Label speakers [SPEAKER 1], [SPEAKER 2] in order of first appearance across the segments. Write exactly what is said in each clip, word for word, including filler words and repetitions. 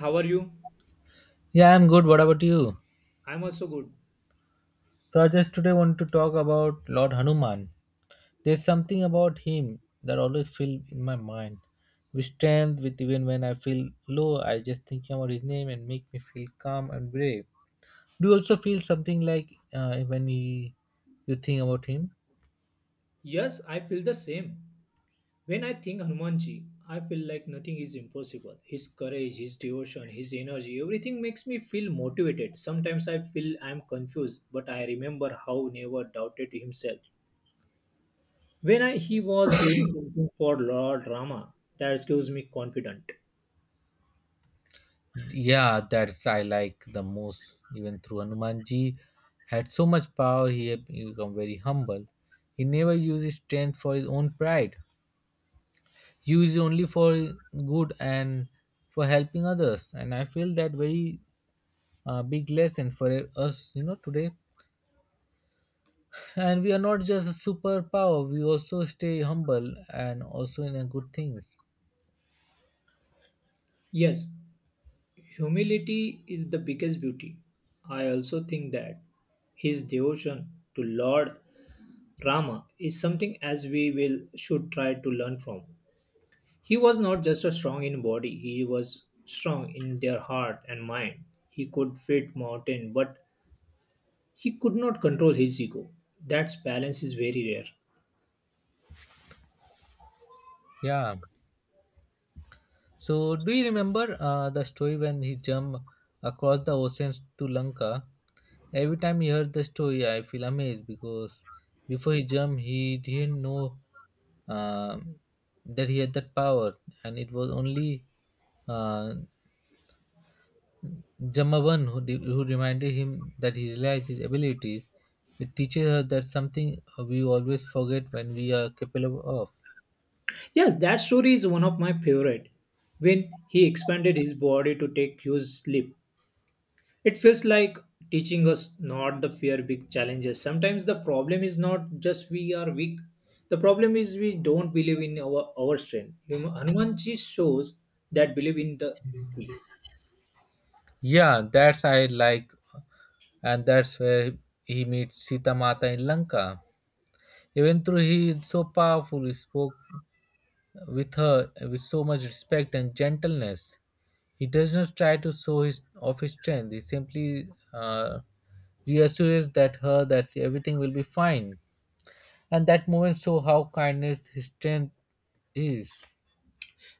[SPEAKER 1] How are you?
[SPEAKER 2] Yeah, I'm good. What about you?
[SPEAKER 1] I'm also good.
[SPEAKER 2] So I just today want to talk about Lord Hanuman. There's something about him that always fill in my mind. With strength, with even when I feel low, I just think about his name and make me feel calm and brave. Do you also feel something like uh, when he, you think about him?
[SPEAKER 1] Yes, I feel the same. When I think Hanumanji, I feel like nothing is impossible. His courage, his devotion, his energy, everything makes me feel motivated. Sometimes I feel I'm confused, but I remember how never doubted himself. When I, he was doing something for Lord Rama, that gives me confidence.
[SPEAKER 2] Yeah, that's I like the most. Even through Hanumanji had so much power, he had become very humble. He never used his strength for his own pride. Use only for good and for helping others, and I feel that very uh, big lesson for us you know today. And we are not just a superpower, we also stay humble and also in a good things.
[SPEAKER 1] Yes, humility is the biggest beauty. I also think that his devotion to Lord Rama is something as we will should try to learn from. He was not just a strong in body, he was strong in their heart and mind. He could fit mountain, but he could not control his ego. That balance is very rare.
[SPEAKER 2] Yeah, so do you remember uh, the story when he jumped across the oceans to Lanka? Every time he heard the story, I feel amazed because before he jumped, he didn't know um that he had that power, and it was only uh, Jamavan who, de- who reminded him that he realized his abilities. It teaches her that something we always forget when we are capable of.
[SPEAKER 1] Yes, that story is one of my favorite. When he expanded his body to take huge leap, it feels like teaching us not to fear big challenges. Sometimes the problem is not just we are weak. The problem is we don't believe in our, our strength. Hum- Hanuman ji shows that believe in the
[SPEAKER 2] Yeah, that's I like, and that's where he meets Sita Mata in Lanka. Even though he is so powerful, he spoke with her with so much respect and gentleness. He does not try to show his off his strength. He simply uh, reassures that her that everything will be fine. And that moment show how kindness his strength is.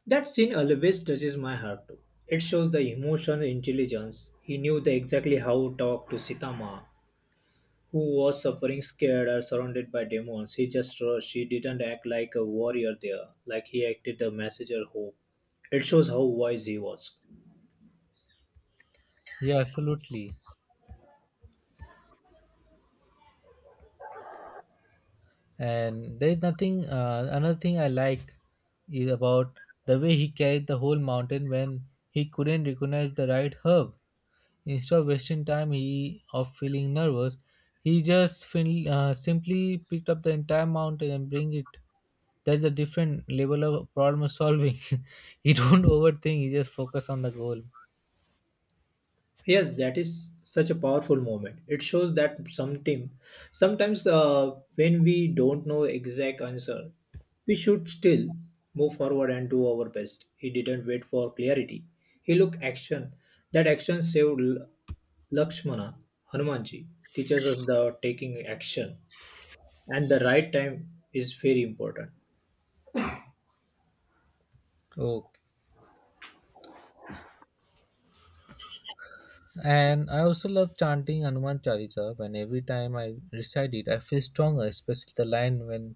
[SPEAKER 1] that scene always touches my heart too. It shows the emotional intelligence. He knew the exactly how to talk to Sitama, who was suffering scared or surrounded by demons. He just rushed. He didn't act like a warrior there, like he acted the messenger hope. It shows how wise he was.
[SPEAKER 2] Yeah, absolutely. And there is nothing. Uh, another thing I like is about the way he carried the whole mountain when he couldn't recognize the right herb. Instead of wasting time he of feeling nervous, he just fin- uh, simply picked up the entire mountain and bring it. That's a different level of problem solving. He don't overthink. He just focus on the goal.
[SPEAKER 1] Yes, that is such a powerful moment. It shows that some team, sometimes uh, when we don't know exact answer, we should still move forward and do our best. He didn't wait for clarity. He looked action. That action saved L- Lakshmana, Hanumanji, teaches us the taking action and the right time is very important.
[SPEAKER 2] Okay. And I also love chanting Hanuman Chalisa. When every time I recite it, I feel stronger, especially the line when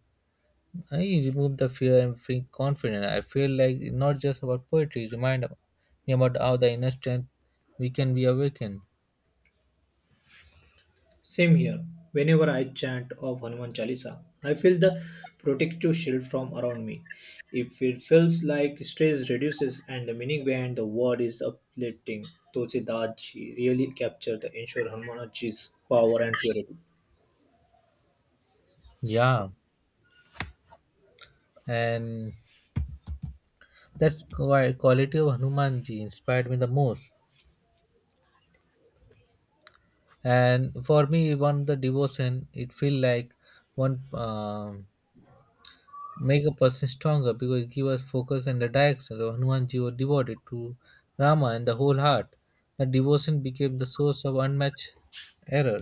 [SPEAKER 2] I remove the fear and feel confident. I feel like it's not just about poetry. Remind me about how the inner strength we can be awakened.
[SPEAKER 1] Same here. Whenever I chant of Hanuman Chalisa, I feel the protective shield from around me. If it feels like stress reduces and the meaning behind the word is uplifting, Tulsidaji really captured the ensure Hanumanji's power and purity.
[SPEAKER 2] Yeah. And that qui- quality of Hanumanji inspired me the most. And for me, one the devotion it feel like one um make a person stronger because it give us focus and the direction. So Hanumanji was devoted to Rama and the whole heart. The devotion became the source of unmatched error.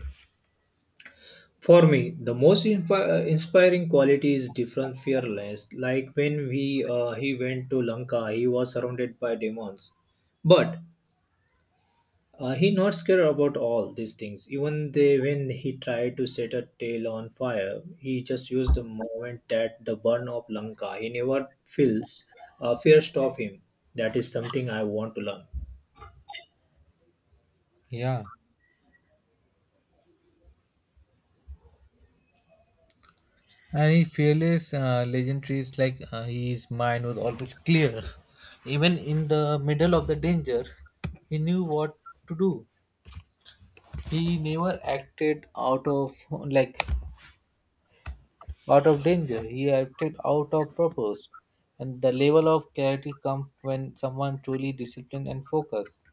[SPEAKER 1] For me, the most infi- uh, inspiring quality is different fearless. Like when we uh, he went to Lanka, he was surrounded by demons, but uh, he not scared about all these things. Even they, when he tried to set a tail on fire, he just used the moment that the burn of Lanka. He never feels uh, fear stop him. That is something I want to learn.
[SPEAKER 2] Yeah, and he fearless uh, legendary is like uh, his mind was always clear, even in the middle of the danger, he knew what to do. He never acted out of like out of danger. He acted out of purpose. And the level of clarity comes when someone truly disciplined and focused.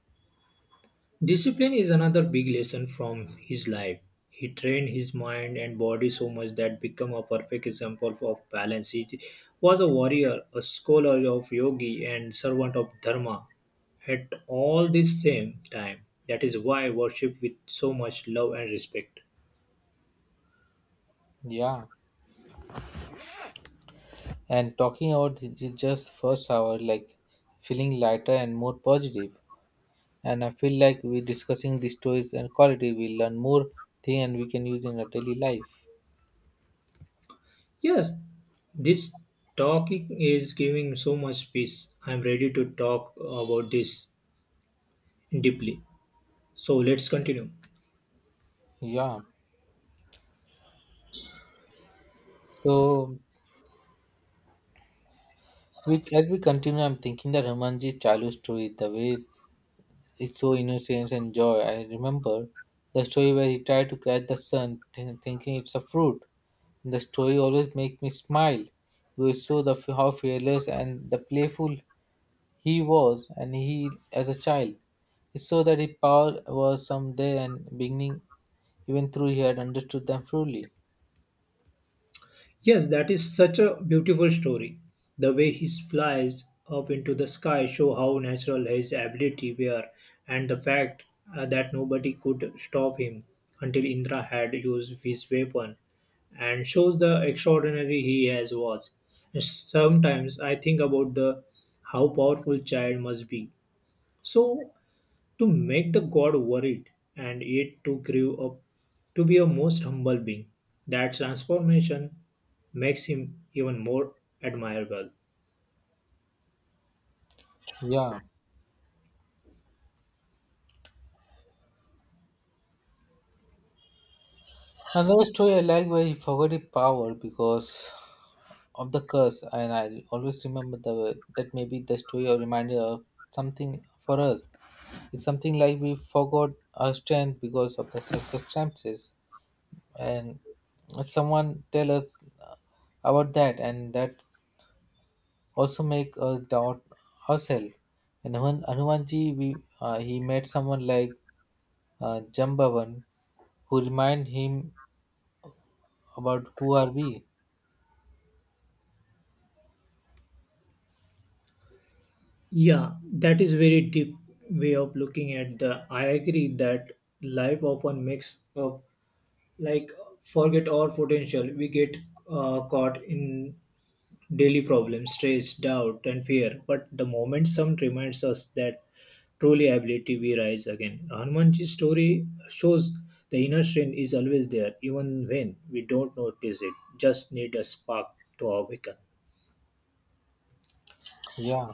[SPEAKER 1] Discipline is another big lesson from his life. He trained his mind and body so much that became a perfect example of balance. He was a warrior, a scholar of yogi, and servant of dharma at all the same time. That is why worship with so much love and respect.
[SPEAKER 2] Yeah. And talking about j- j- just first hour, like feeling lighter and more positive. And I feel like we discussing these stories and quality, we learn more thing and we can use in our daily life.
[SPEAKER 1] Yes, this talking is giving so much peace. I am ready to talk about this deeply. So let's continue.
[SPEAKER 2] Yeah. So we as we continue, I'm thinking that Ramanji's childhood story, the way it's so innocence and joy. I remember the story where he tried to catch the sun, th- thinking it's a fruit. The story always makes me smile. We saw the f- how fearless and the playful he was, and he as a child. It showed that his power was some there and beginning, even though he had understood them fully.
[SPEAKER 1] Yes, that is such a beautiful story. The way he flies up into the sky show how natural his ability were and the fact uh, that nobody could stop him until Indra had used his weapon and shows the extraordinary he has was. Sometimes I think about the how powerful child must be. So to make the god worried and yet to grew up to be a most humble being. That transformation makes him even more admirable.
[SPEAKER 2] Yeah. Another story I like where he forgot his power because of the curse, and I always remember the that maybe the story or reminder of something for us. It's something like we forgot our strength because of the circumstances, and someone tell us uh, about that, and that also make us doubt ourselves. And Hanuman, Hanumanji, we uh, he met someone like uh, Jambavan, who remind him about who are we.
[SPEAKER 1] Yeah, that is very deep way of looking at the I agree that life often makes up like forget our potential. We get uh, caught in daily problems, stress, doubt, and fear. But the moment some reminds us that truly ability, we rise again. Hanumanji's story shows the inner strength is always there, even when we don't notice it. Just need a spark to awaken.
[SPEAKER 2] Yeah.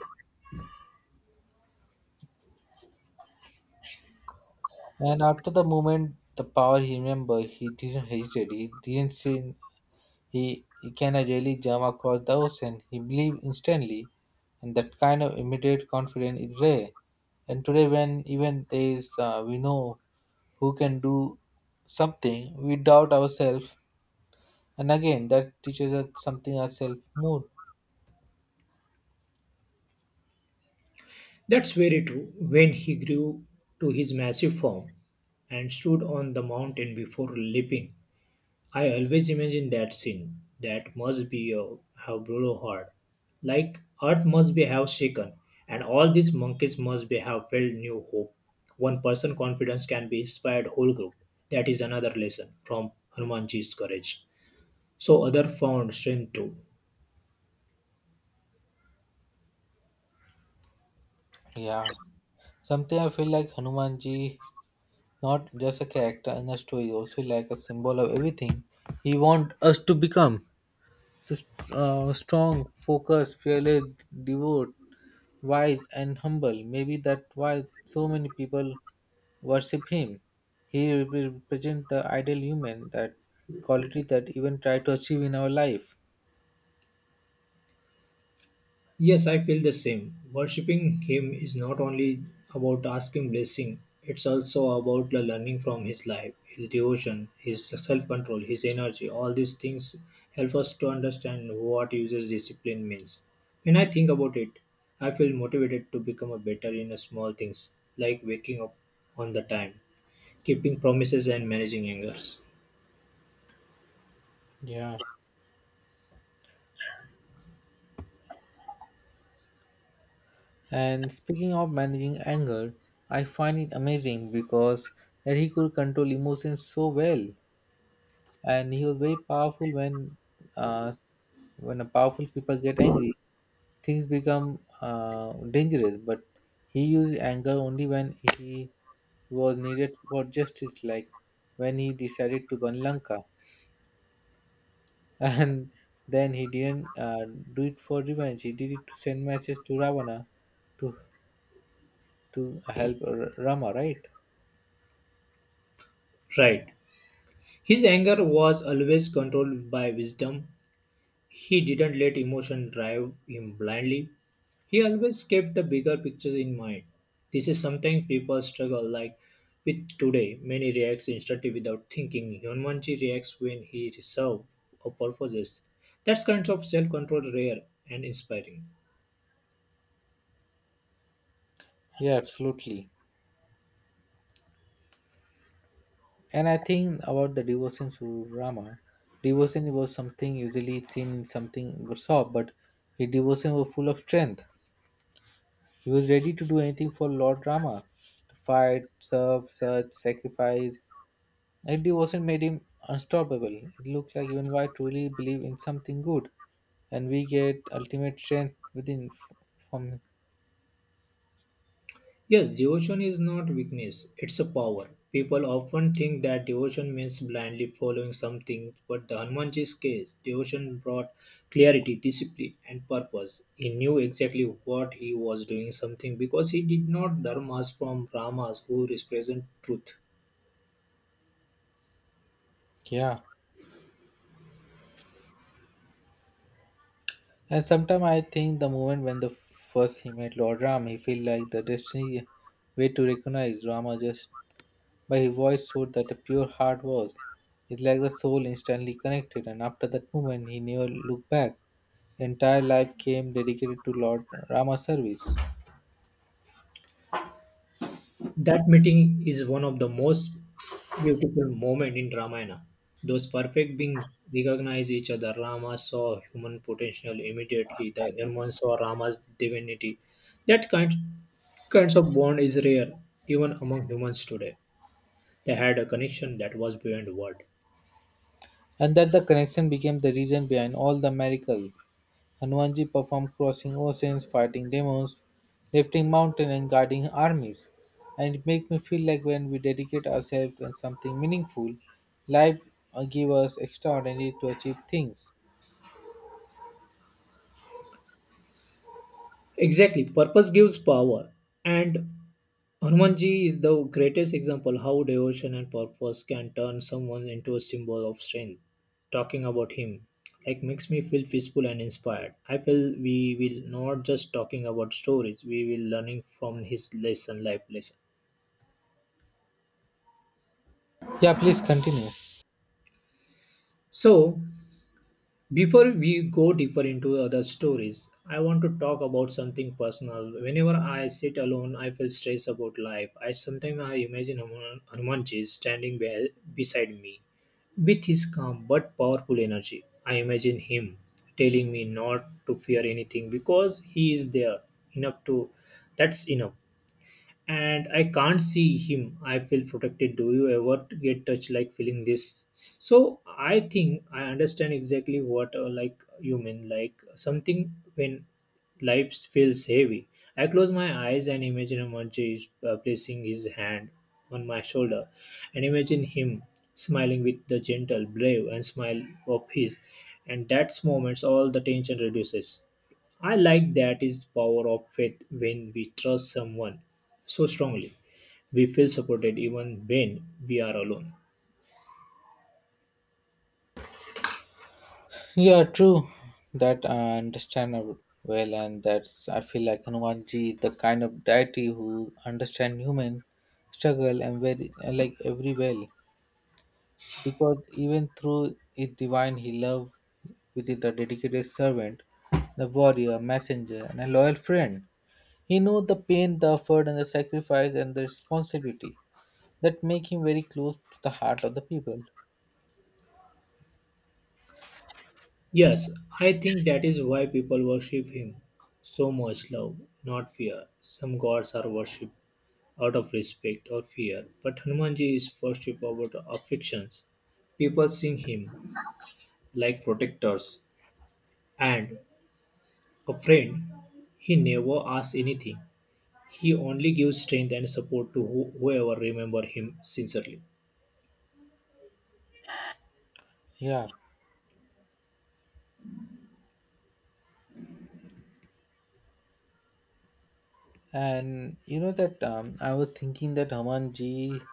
[SPEAKER 2] And after the moment, the power he remember, he didn't hesitate. He didn't say He, he can I really jump across the ocean? He believed instantly, and that kind of immediate confidence is rare. And today, when even there is, uh, we know who can do something, we doubt ourselves, and again that teaches us something ourselves more.
[SPEAKER 1] That's very true. When he grew to his massive form and stood on the mountain before leaping, I always imagine that scene. That must be uh, how brutal hard. Like earth must be have shaken, and all these monkeys must be have felt new hope. One person confidence can be inspired whole group. That is another lesson from Hanumanji's courage. So other found strength too.
[SPEAKER 2] Yeah, something I feel like Hanumanji, not just a character in a story, also like a symbol of everything he want us to become. So, uh, strong, focused, fearless, devout, wise and humble, maybe that's why so many people worship him. He represents the ideal human, that quality that even try to achieve in our life.
[SPEAKER 1] Yes, I feel the same. Worshipping Him is not only about asking blessing, it's also about the learning from His life, His devotion, His self control, His energy. All these things help us to understand what uses discipline means. When I think about it, I feel motivated to become a better in small things like waking up on the time, keeping promises, and managing angers.
[SPEAKER 2] Yeah. And speaking of managing anger, I find it amazing because that he could control emotions so well. And he was very powerful when uh, when a powerful people get angry, things become uh, dangerous, but he used anger only when he was needed for justice, like when he decided to burn Lanka. And then he didn't uh, do it for revenge, he did it to send message to Ravana to to help R- Rama, right?
[SPEAKER 1] Right. His anger was always controlled by wisdom. He didn't let emotion drive him blindly. He always kept the bigger picture in mind. This is something people struggle like with today. Many reacts instantly without thinking. Hyunmanji reacts when he serves or purposes. That's kind of self-control rare and inspiring.
[SPEAKER 2] Yeah, absolutely. And I think about the devotion to Rama. Devotion was something usually seen in something but soft, but his devotion was full of strength. He was ready to do anything for Lord Rama to fight, serve, search, sacrifice. That devotion made him unstoppable. It looked like even why truly believe in something good, and we get ultimate strength within from.
[SPEAKER 1] Yes, devotion is not weakness, it's a power. People often think that devotion means blindly following something, but the Hanumanji's case, devotion brought clarity, discipline, and purpose. He knew exactly what he was doing something because he did not dharmas from Ramas who represent truth.
[SPEAKER 2] Yeah. And sometimes I think the moment when the first he met Lord Ram, he feel like the destiny way to recognize Rama just by his voice showed that a pure heart was. It's like the soul instantly connected, and after that moment, he never looked back. Entire life came dedicated to Lord Rama's service,
[SPEAKER 1] That meeting is one of the most beautiful moments in Ramayana. Those perfect beings recognize each other. Rama saw human potential immediately. The Hanuman saw Rama's divinity. That kind kinds of bond is rare even among humans today. They had a connection that was beyond word.
[SPEAKER 2] and that the connection became the reason behind all the miracle. Hanumanji performed crossing oceans, fighting demons, lifting mountains and guiding armies. And it makes me feel like when we dedicate ourselves to something meaningful, life uh, give us extraordinary to achieve things.
[SPEAKER 1] Exactly, purpose gives power, and Hanumanji is the greatest example how devotion and purpose can turn someone into a symbol of strength. Talking about him like makes me feel peaceful and inspired. I feel we will not just talking about stories; we will learning from his lesson, life lesson.
[SPEAKER 2] Yeah, please continue.
[SPEAKER 1] So before we go deeper into other stories, I want to talk about something personal. Whenever I sit alone, I feel stressed about life. I sometimes I imagine Hanuman- Hanumanji standing be- beside me with his calm but powerful energy. I imagine him telling me not to fear anything because he is there enough to that's enough and I can't see him. I feel protected. Do you ever get touched like feeling this? So I think I understand exactly what uh, like you mean. Like something when life feels heavy. I close my eyes and imagine Amarji is uh, placing his hand on my shoulder, and imagine him smiling with the gentle, brave, and smile of his. And that's moments all the tension reduces. I like that is power of faith when we trust someone so strongly. We feel supported even when we are alone.
[SPEAKER 2] Yeah, true. That I understand ab- well, and that's I feel like Hanumanji is the kind of deity who understand human struggle and very like every well. Because even through it divine he loved within the dedicated servant, the warrior, messenger, and a loyal friend. He knew the pain, the effort, and the sacrifice and the responsibility that make him very close to the heart of the people.
[SPEAKER 1] Yes, I think that is why people worship him. So much love, not fear. Some gods are worshipped out of respect or fear, but Hanumanji is worshipped out of affections. People sing him like protectors and a friend. He never asks anything. He only gives strength and support to who- whoever remember him sincerely.
[SPEAKER 2] Yeah, and you know that um, I was thinking that Hamanji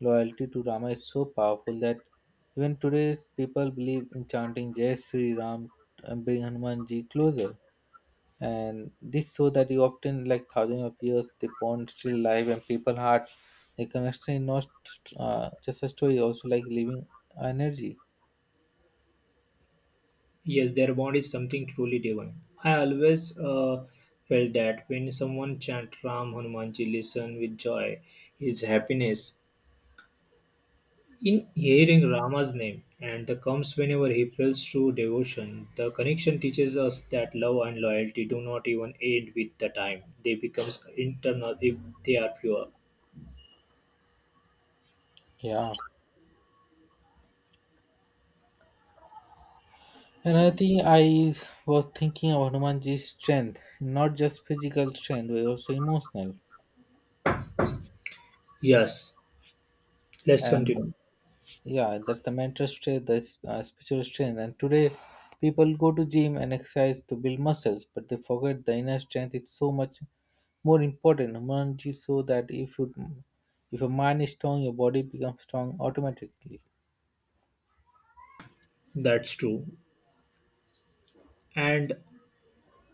[SPEAKER 2] loyalty to Rama is so powerful that even today's people believe in chanting Jai Sri Ram and bring Hanumanji closer. And this so that you obtain like thousands of years the pond still alive and people heart the connection is not uh, just a story, also like living energy.
[SPEAKER 1] Yes, their bond is something truly divine. I always uh, felt that when someone chant Ram Hanumanji, listen with joy, his happiness in hearing Rama's name, and the comes whenever he feels true devotion. The connection teaches us that love and loyalty do not even end with the time; they becomes internal if they are pure.
[SPEAKER 2] Yeah, another thing I was thinking about Hanumanji's strength, not just physical strength but also emotional.
[SPEAKER 1] Yes, let's
[SPEAKER 2] And
[SPEAKER 1] continue.
[SPEAKER 2] yeah, that's the mental strength, the s- uh, spiritual strength, and today people go to gym and exercise to build muscles, but they forget the inner strength is so much more important. Humanity so that if you if your mind is strong your body becomes strong automatically.
[SPEAKER 1] That's true. And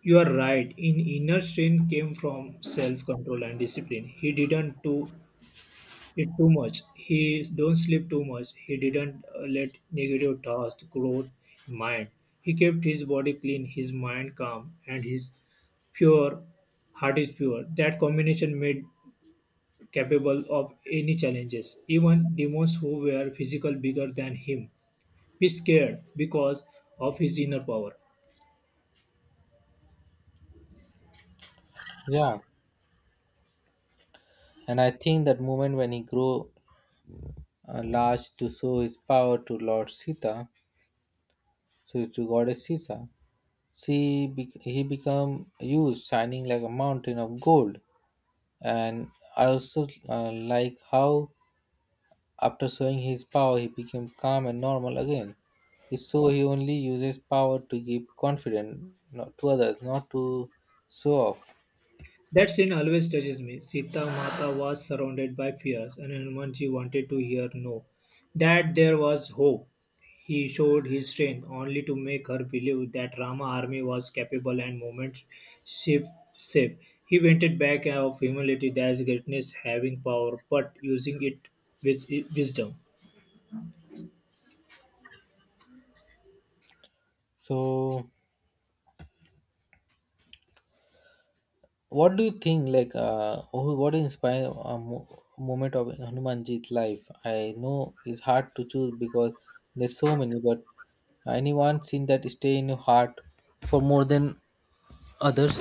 [SPEAKER 1] you are right. In inner strength came from self control and discipline. He didn't do it too much. He don't sleep too much. He didn't uh, let negative thoughts grow in mind. He kept his body clean, his mind calm, and his pure heart is pure. That combination made capable of any challenges. Even demons who were physical bigger than him be scared because of his inner power.
[SPEAKER 2] Yeah, and I think that moment when he grew uh, large to show his power to Lord Sita, so to goddess Sita, she be- he become huge shining like a mountain of gold. And I also uh, like how, after showing his power, he became calm and normal again. It's so he only uses power to give confidence, not to others, not to show off.
[SPEAKER 1] That scene always touches me. Sita Mata was surrounded by fears, and Hanumanji wanted to hear no, that there was hope. He showed his strength only to make her believe that Rama army was capable and movement safe. safe. He vented back of humility that's greatness having power but using it with wisdom.
[SPEAKER 2] So, what do you think? Like, uh, who- what inspired a mo- moment of Hanumanji's life? I know it's hard to choose because there's so many, but anyone seen that stay in your heart for more than others?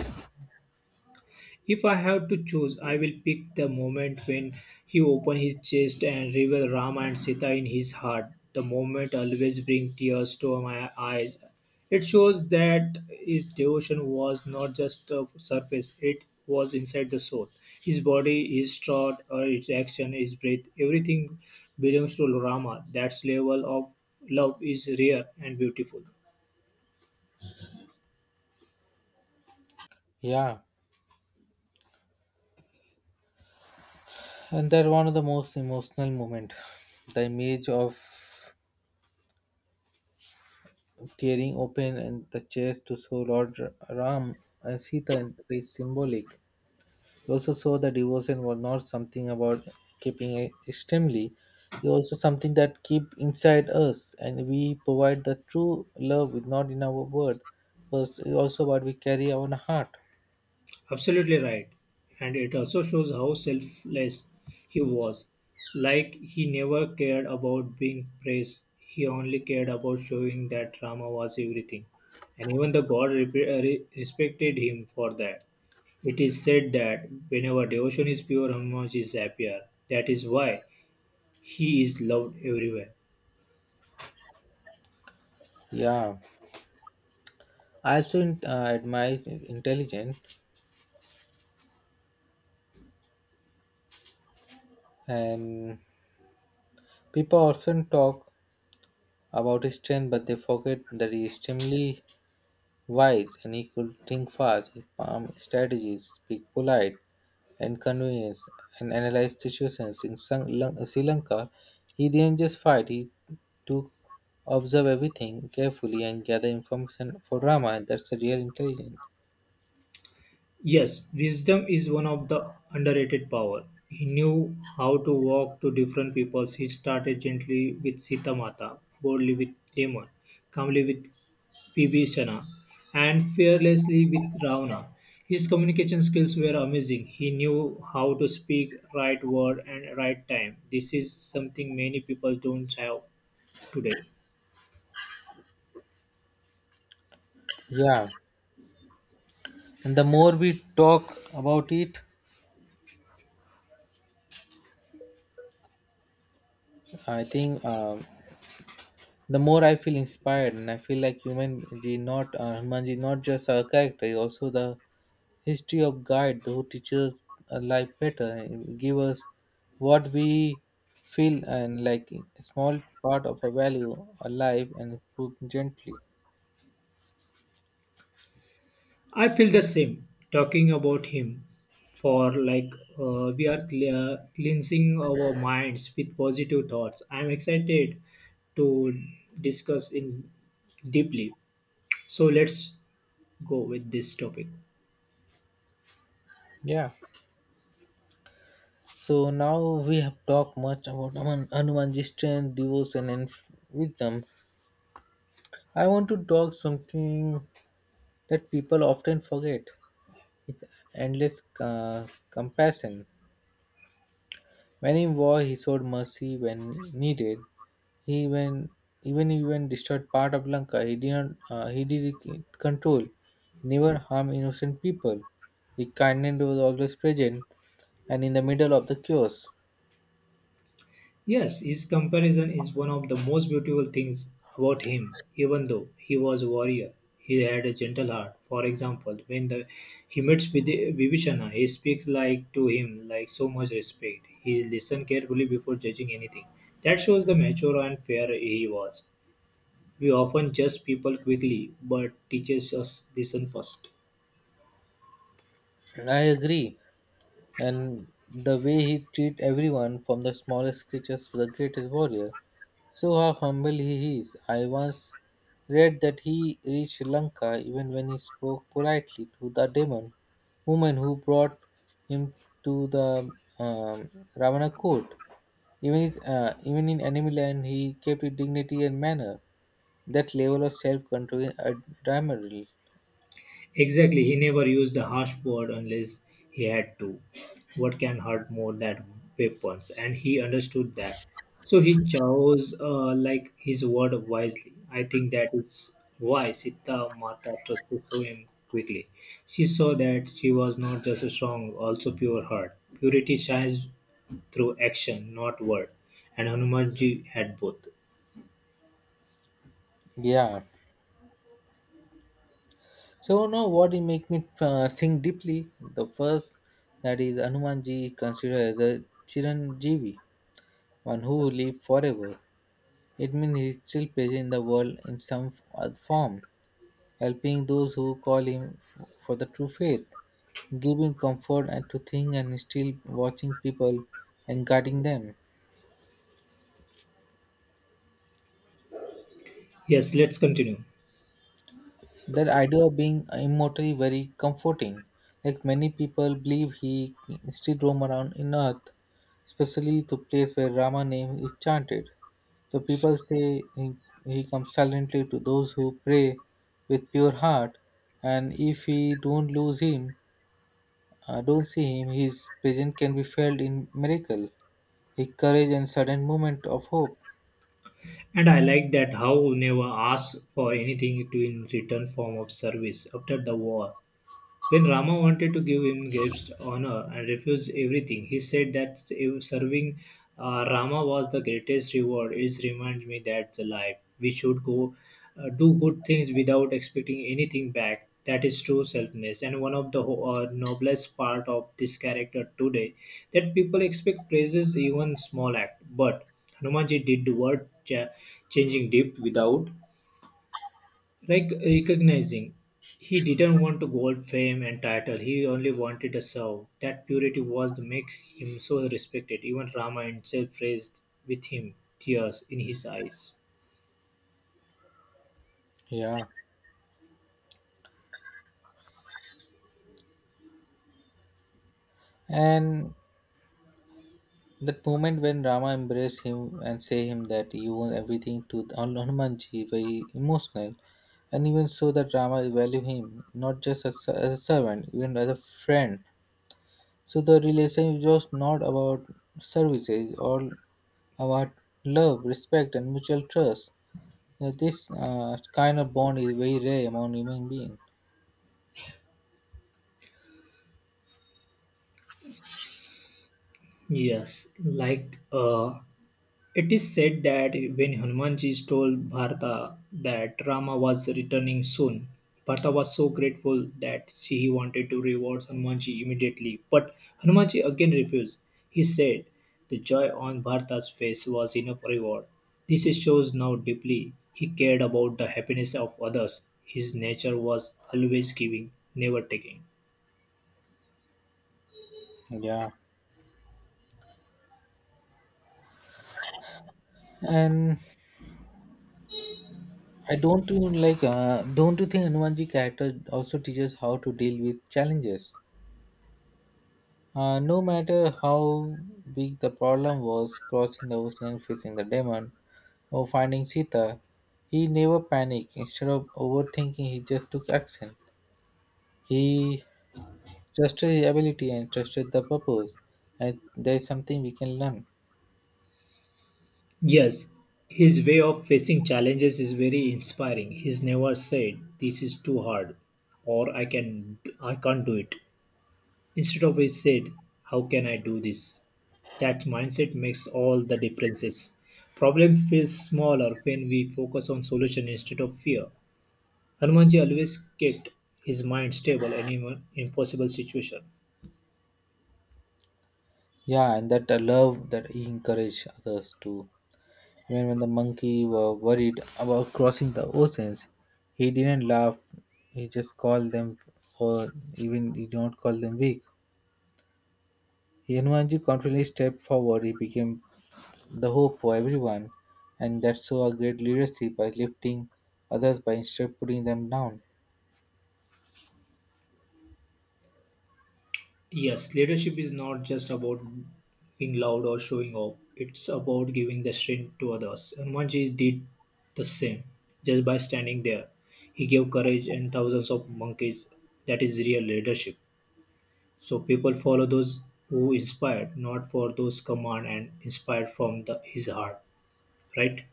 [SPEAKER 1] If I have to choose, I will pick the moment when he opened his chest and revealed Rama and Sita in his heart. The moment always brings tears to my eyes. It shows that his devotion was not just a surface, it was inside the soul. His body, his thought, or his action, his breath, everything belongs to Rama. That level of love is rare and beautiful.
[SPEAKER 2] Yeah. And that one of the most emotional moment. The image of tearing open and the chest to show Lord Ram and Sita and is symbolic. He also saw that devotion was not something about keeping it extremely. It also something that keep inside us and we provide the true love with not in our word. But it also what we carry our heart.
[SPEAKER 1] Absolutely right. And it also shows how selfless he was. Like he never cared about being praised, he only cared about showing that drama was everything. And even the god rep- uh, re- respected him for that. It is said that whenever devotion is pure, Hanuman is happier. That is why he is loved everywhere.
[SPEAKER 2] Yeah, I also uh, admire intelligence and people often talk about his strength, but they forget that he is extremely wise and he could think fast, he palm strategies, speak polite and convenience, and analyze situations. In Sang- Lan- Sri Lanka, he didn't just fight, he took observe everything carefully and gather information for drama, and that's a real intelligence.
[SPEAKER 1] Yes, wisdom is one of the underrated power. He knew how to walk to different peoples. He started gently with Sita Mata, boldly with Demon, calmly with Vibhishana, and fearlessly with Ravana. His communication skills were amazing. He knew how to speak right word and right time. This is something many people don't have today.
[SPEAKER 2] Yeah, and the more we talk about it, I think um, the more I feel inspired, and I feel like human G not uh, Hanumanji not just a character, he's also the History of guide who teaches a life better and give us what we feel and like a small part of a value alive and improve gently.
[SPEAKER 1] I feel the same talking about him for like uh, we are clear, cleansing our minds with positive thoughts. I'm excited to discuss in deeply. So let's go with this topic.
[SPEAKER 2] Yeah. So now we have talked much about Hanuman- Hanumanji's strength, devotion, and wisdom. I want to talk something that people often forget: his endless uh, compassion. When in war, he showed mercy when needed. He even even even destroyed part of Lanka. He did not uh, he did it control, never harm innocent people. His kindness was always present and in the middle of the chaos.
[SPEAKER 1] Yes, his comparison is one of the most beautiful things about him. Even though he was a warrior, he had a gentle heart. For example, when the, he meets Bidi- Vibhishana, he speaks like to him like so much respect. He listened carefully before judging anything. That shows the mature and fair he was. We often judge people quickly, but teaches us listen first.
[SPEAKER 2] And I agree. And the way he treat everyone, from the smallest creatures to the greatest warrior, so how humble he is. I once read that he reached Sri Lanka even when he spoke politely to the demon woman who brought him to the um, Ravana court. Even, his, uh, even in enemy land, he kept his dignity and manner. That level of self-control is admirable.
[SPEAKER 1] Exactly, he never used a harsh word unless he had to. What can hurt more than weapons? And he understood that. So he chose uh, like his word wisely. I think that is why Sita Mata trusted so him quickly. She saw that she was not just a strong, also pure heart. Purity shines through action, not word. And Hanumanji had both.
[SPEAKER 2] Yeah. So now what it make me uh, think deeply. The first that is Hanumanji considered as a Chiranjeevi, one who live forever. It means he is still present in the world in some other form, helping those who call him f- for the true faith, giving comfort and to think and still watching people and guiding them.
[SPEAKER 1] Yes, let's continue.
[SPEAKER 2] That idea of being immortal is very comforting. Like many people believe he still roam around in earth, especially to place where Rama name is chanted. So people say he, he comes silently to those who pray with pure heart, and if we don't lose him, Uh, don't see him. His presence can be felt in miracle, his courage and sudden moment of hope.
[SPEAKER 1] And I like that how never asked for anything to in return form of service after the war. When Rama wanted to give him gifts, honor, and refused everything, he said that if serving uh, Rama was the greatest reward. It reminds me that the life we should go uh, do good things without expecting anything back. That is true selfness, and one of the ho- uh, noblest part of this character today, that people expect praises even small act. But Hanumanji did the word cha- changing deep without like recognizing he didn't want to gold fame and title, he only wanted a serve. That purity was the makes him so respected. Even Rama himself raised with him tears in his eyes.
[SPEAKER 2] Yeah. And that moment when Rama embraced him and say him that you owe everything to Hal- Hanumanji, very emotional. And even so that Rama value him, not just as, a- as a servant, even as a friend. So the relation is just not about services, all about love, respect and mutual trust. Now, this uh, kind of bond is very rare among human beings.
[SPEAKER 1] Yes, like uh it is said that when Hanumanji told Bharata that Rama was returning soon, Bharata was so grateful that she he wanted to reward Hanumanji immediately. But Hanumanji again refused. He said the joy on Bharata's face was enough reward. This shows how deeply he cared about the happiness of others. His nature was always giving, never taking.
[SPEAKER 2] Yeah, and I don't you like uh, don't you think Hanumanji character also teaches how to deal with challenges? Uh, no matter how big the problem was, crossing the ocean, facing the demon, or finding Sita, he never panicked. Instead of overthinking, he just took action. He trusted his ability and trusted the purpose. And there is something we can learn.
[SPEAKER 1] Yes, his way of facing challenges is very inspiring. He's never said, "This is too hard," or "I can, I can't do it." Instead of he said, "How can I do this?" That mindset makes all the differences. Problem feels smaller when we focus on solution instead of fear. Hanumanji always kept his mind stable in even impossible situation.
[SPEAKER 2] Yeah, and that uh, love that he encouraged others to. Even when the monkey were worried about crossing the oceans, he didn't laugh. He just called them, or even he did not call them weak. Hanumanji confidently stepped forward. He became the hope for everyone, and that saw a great leadership by lifting others by instead of putting them down.
[SPEAKER 1] Yes, leadership is not just about being loud or showing off. It's about giving the strength to others. And Manji did the same just by standing there. He gave courage and thousands of monkeys. That is real leadership. So people follow those who inspired, not for those command and inspired from the, his heart. Right?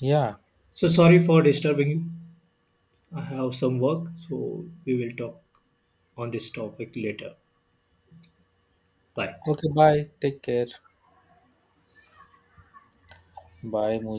[SPEAKER 2] Yeah.
[SPEAKER 1] So sorry for disturbing you. I have some work, so we will talk on this topic later. Bye.
[SPEAKER 2] Okay. Bye. Take care. Bye, Moon.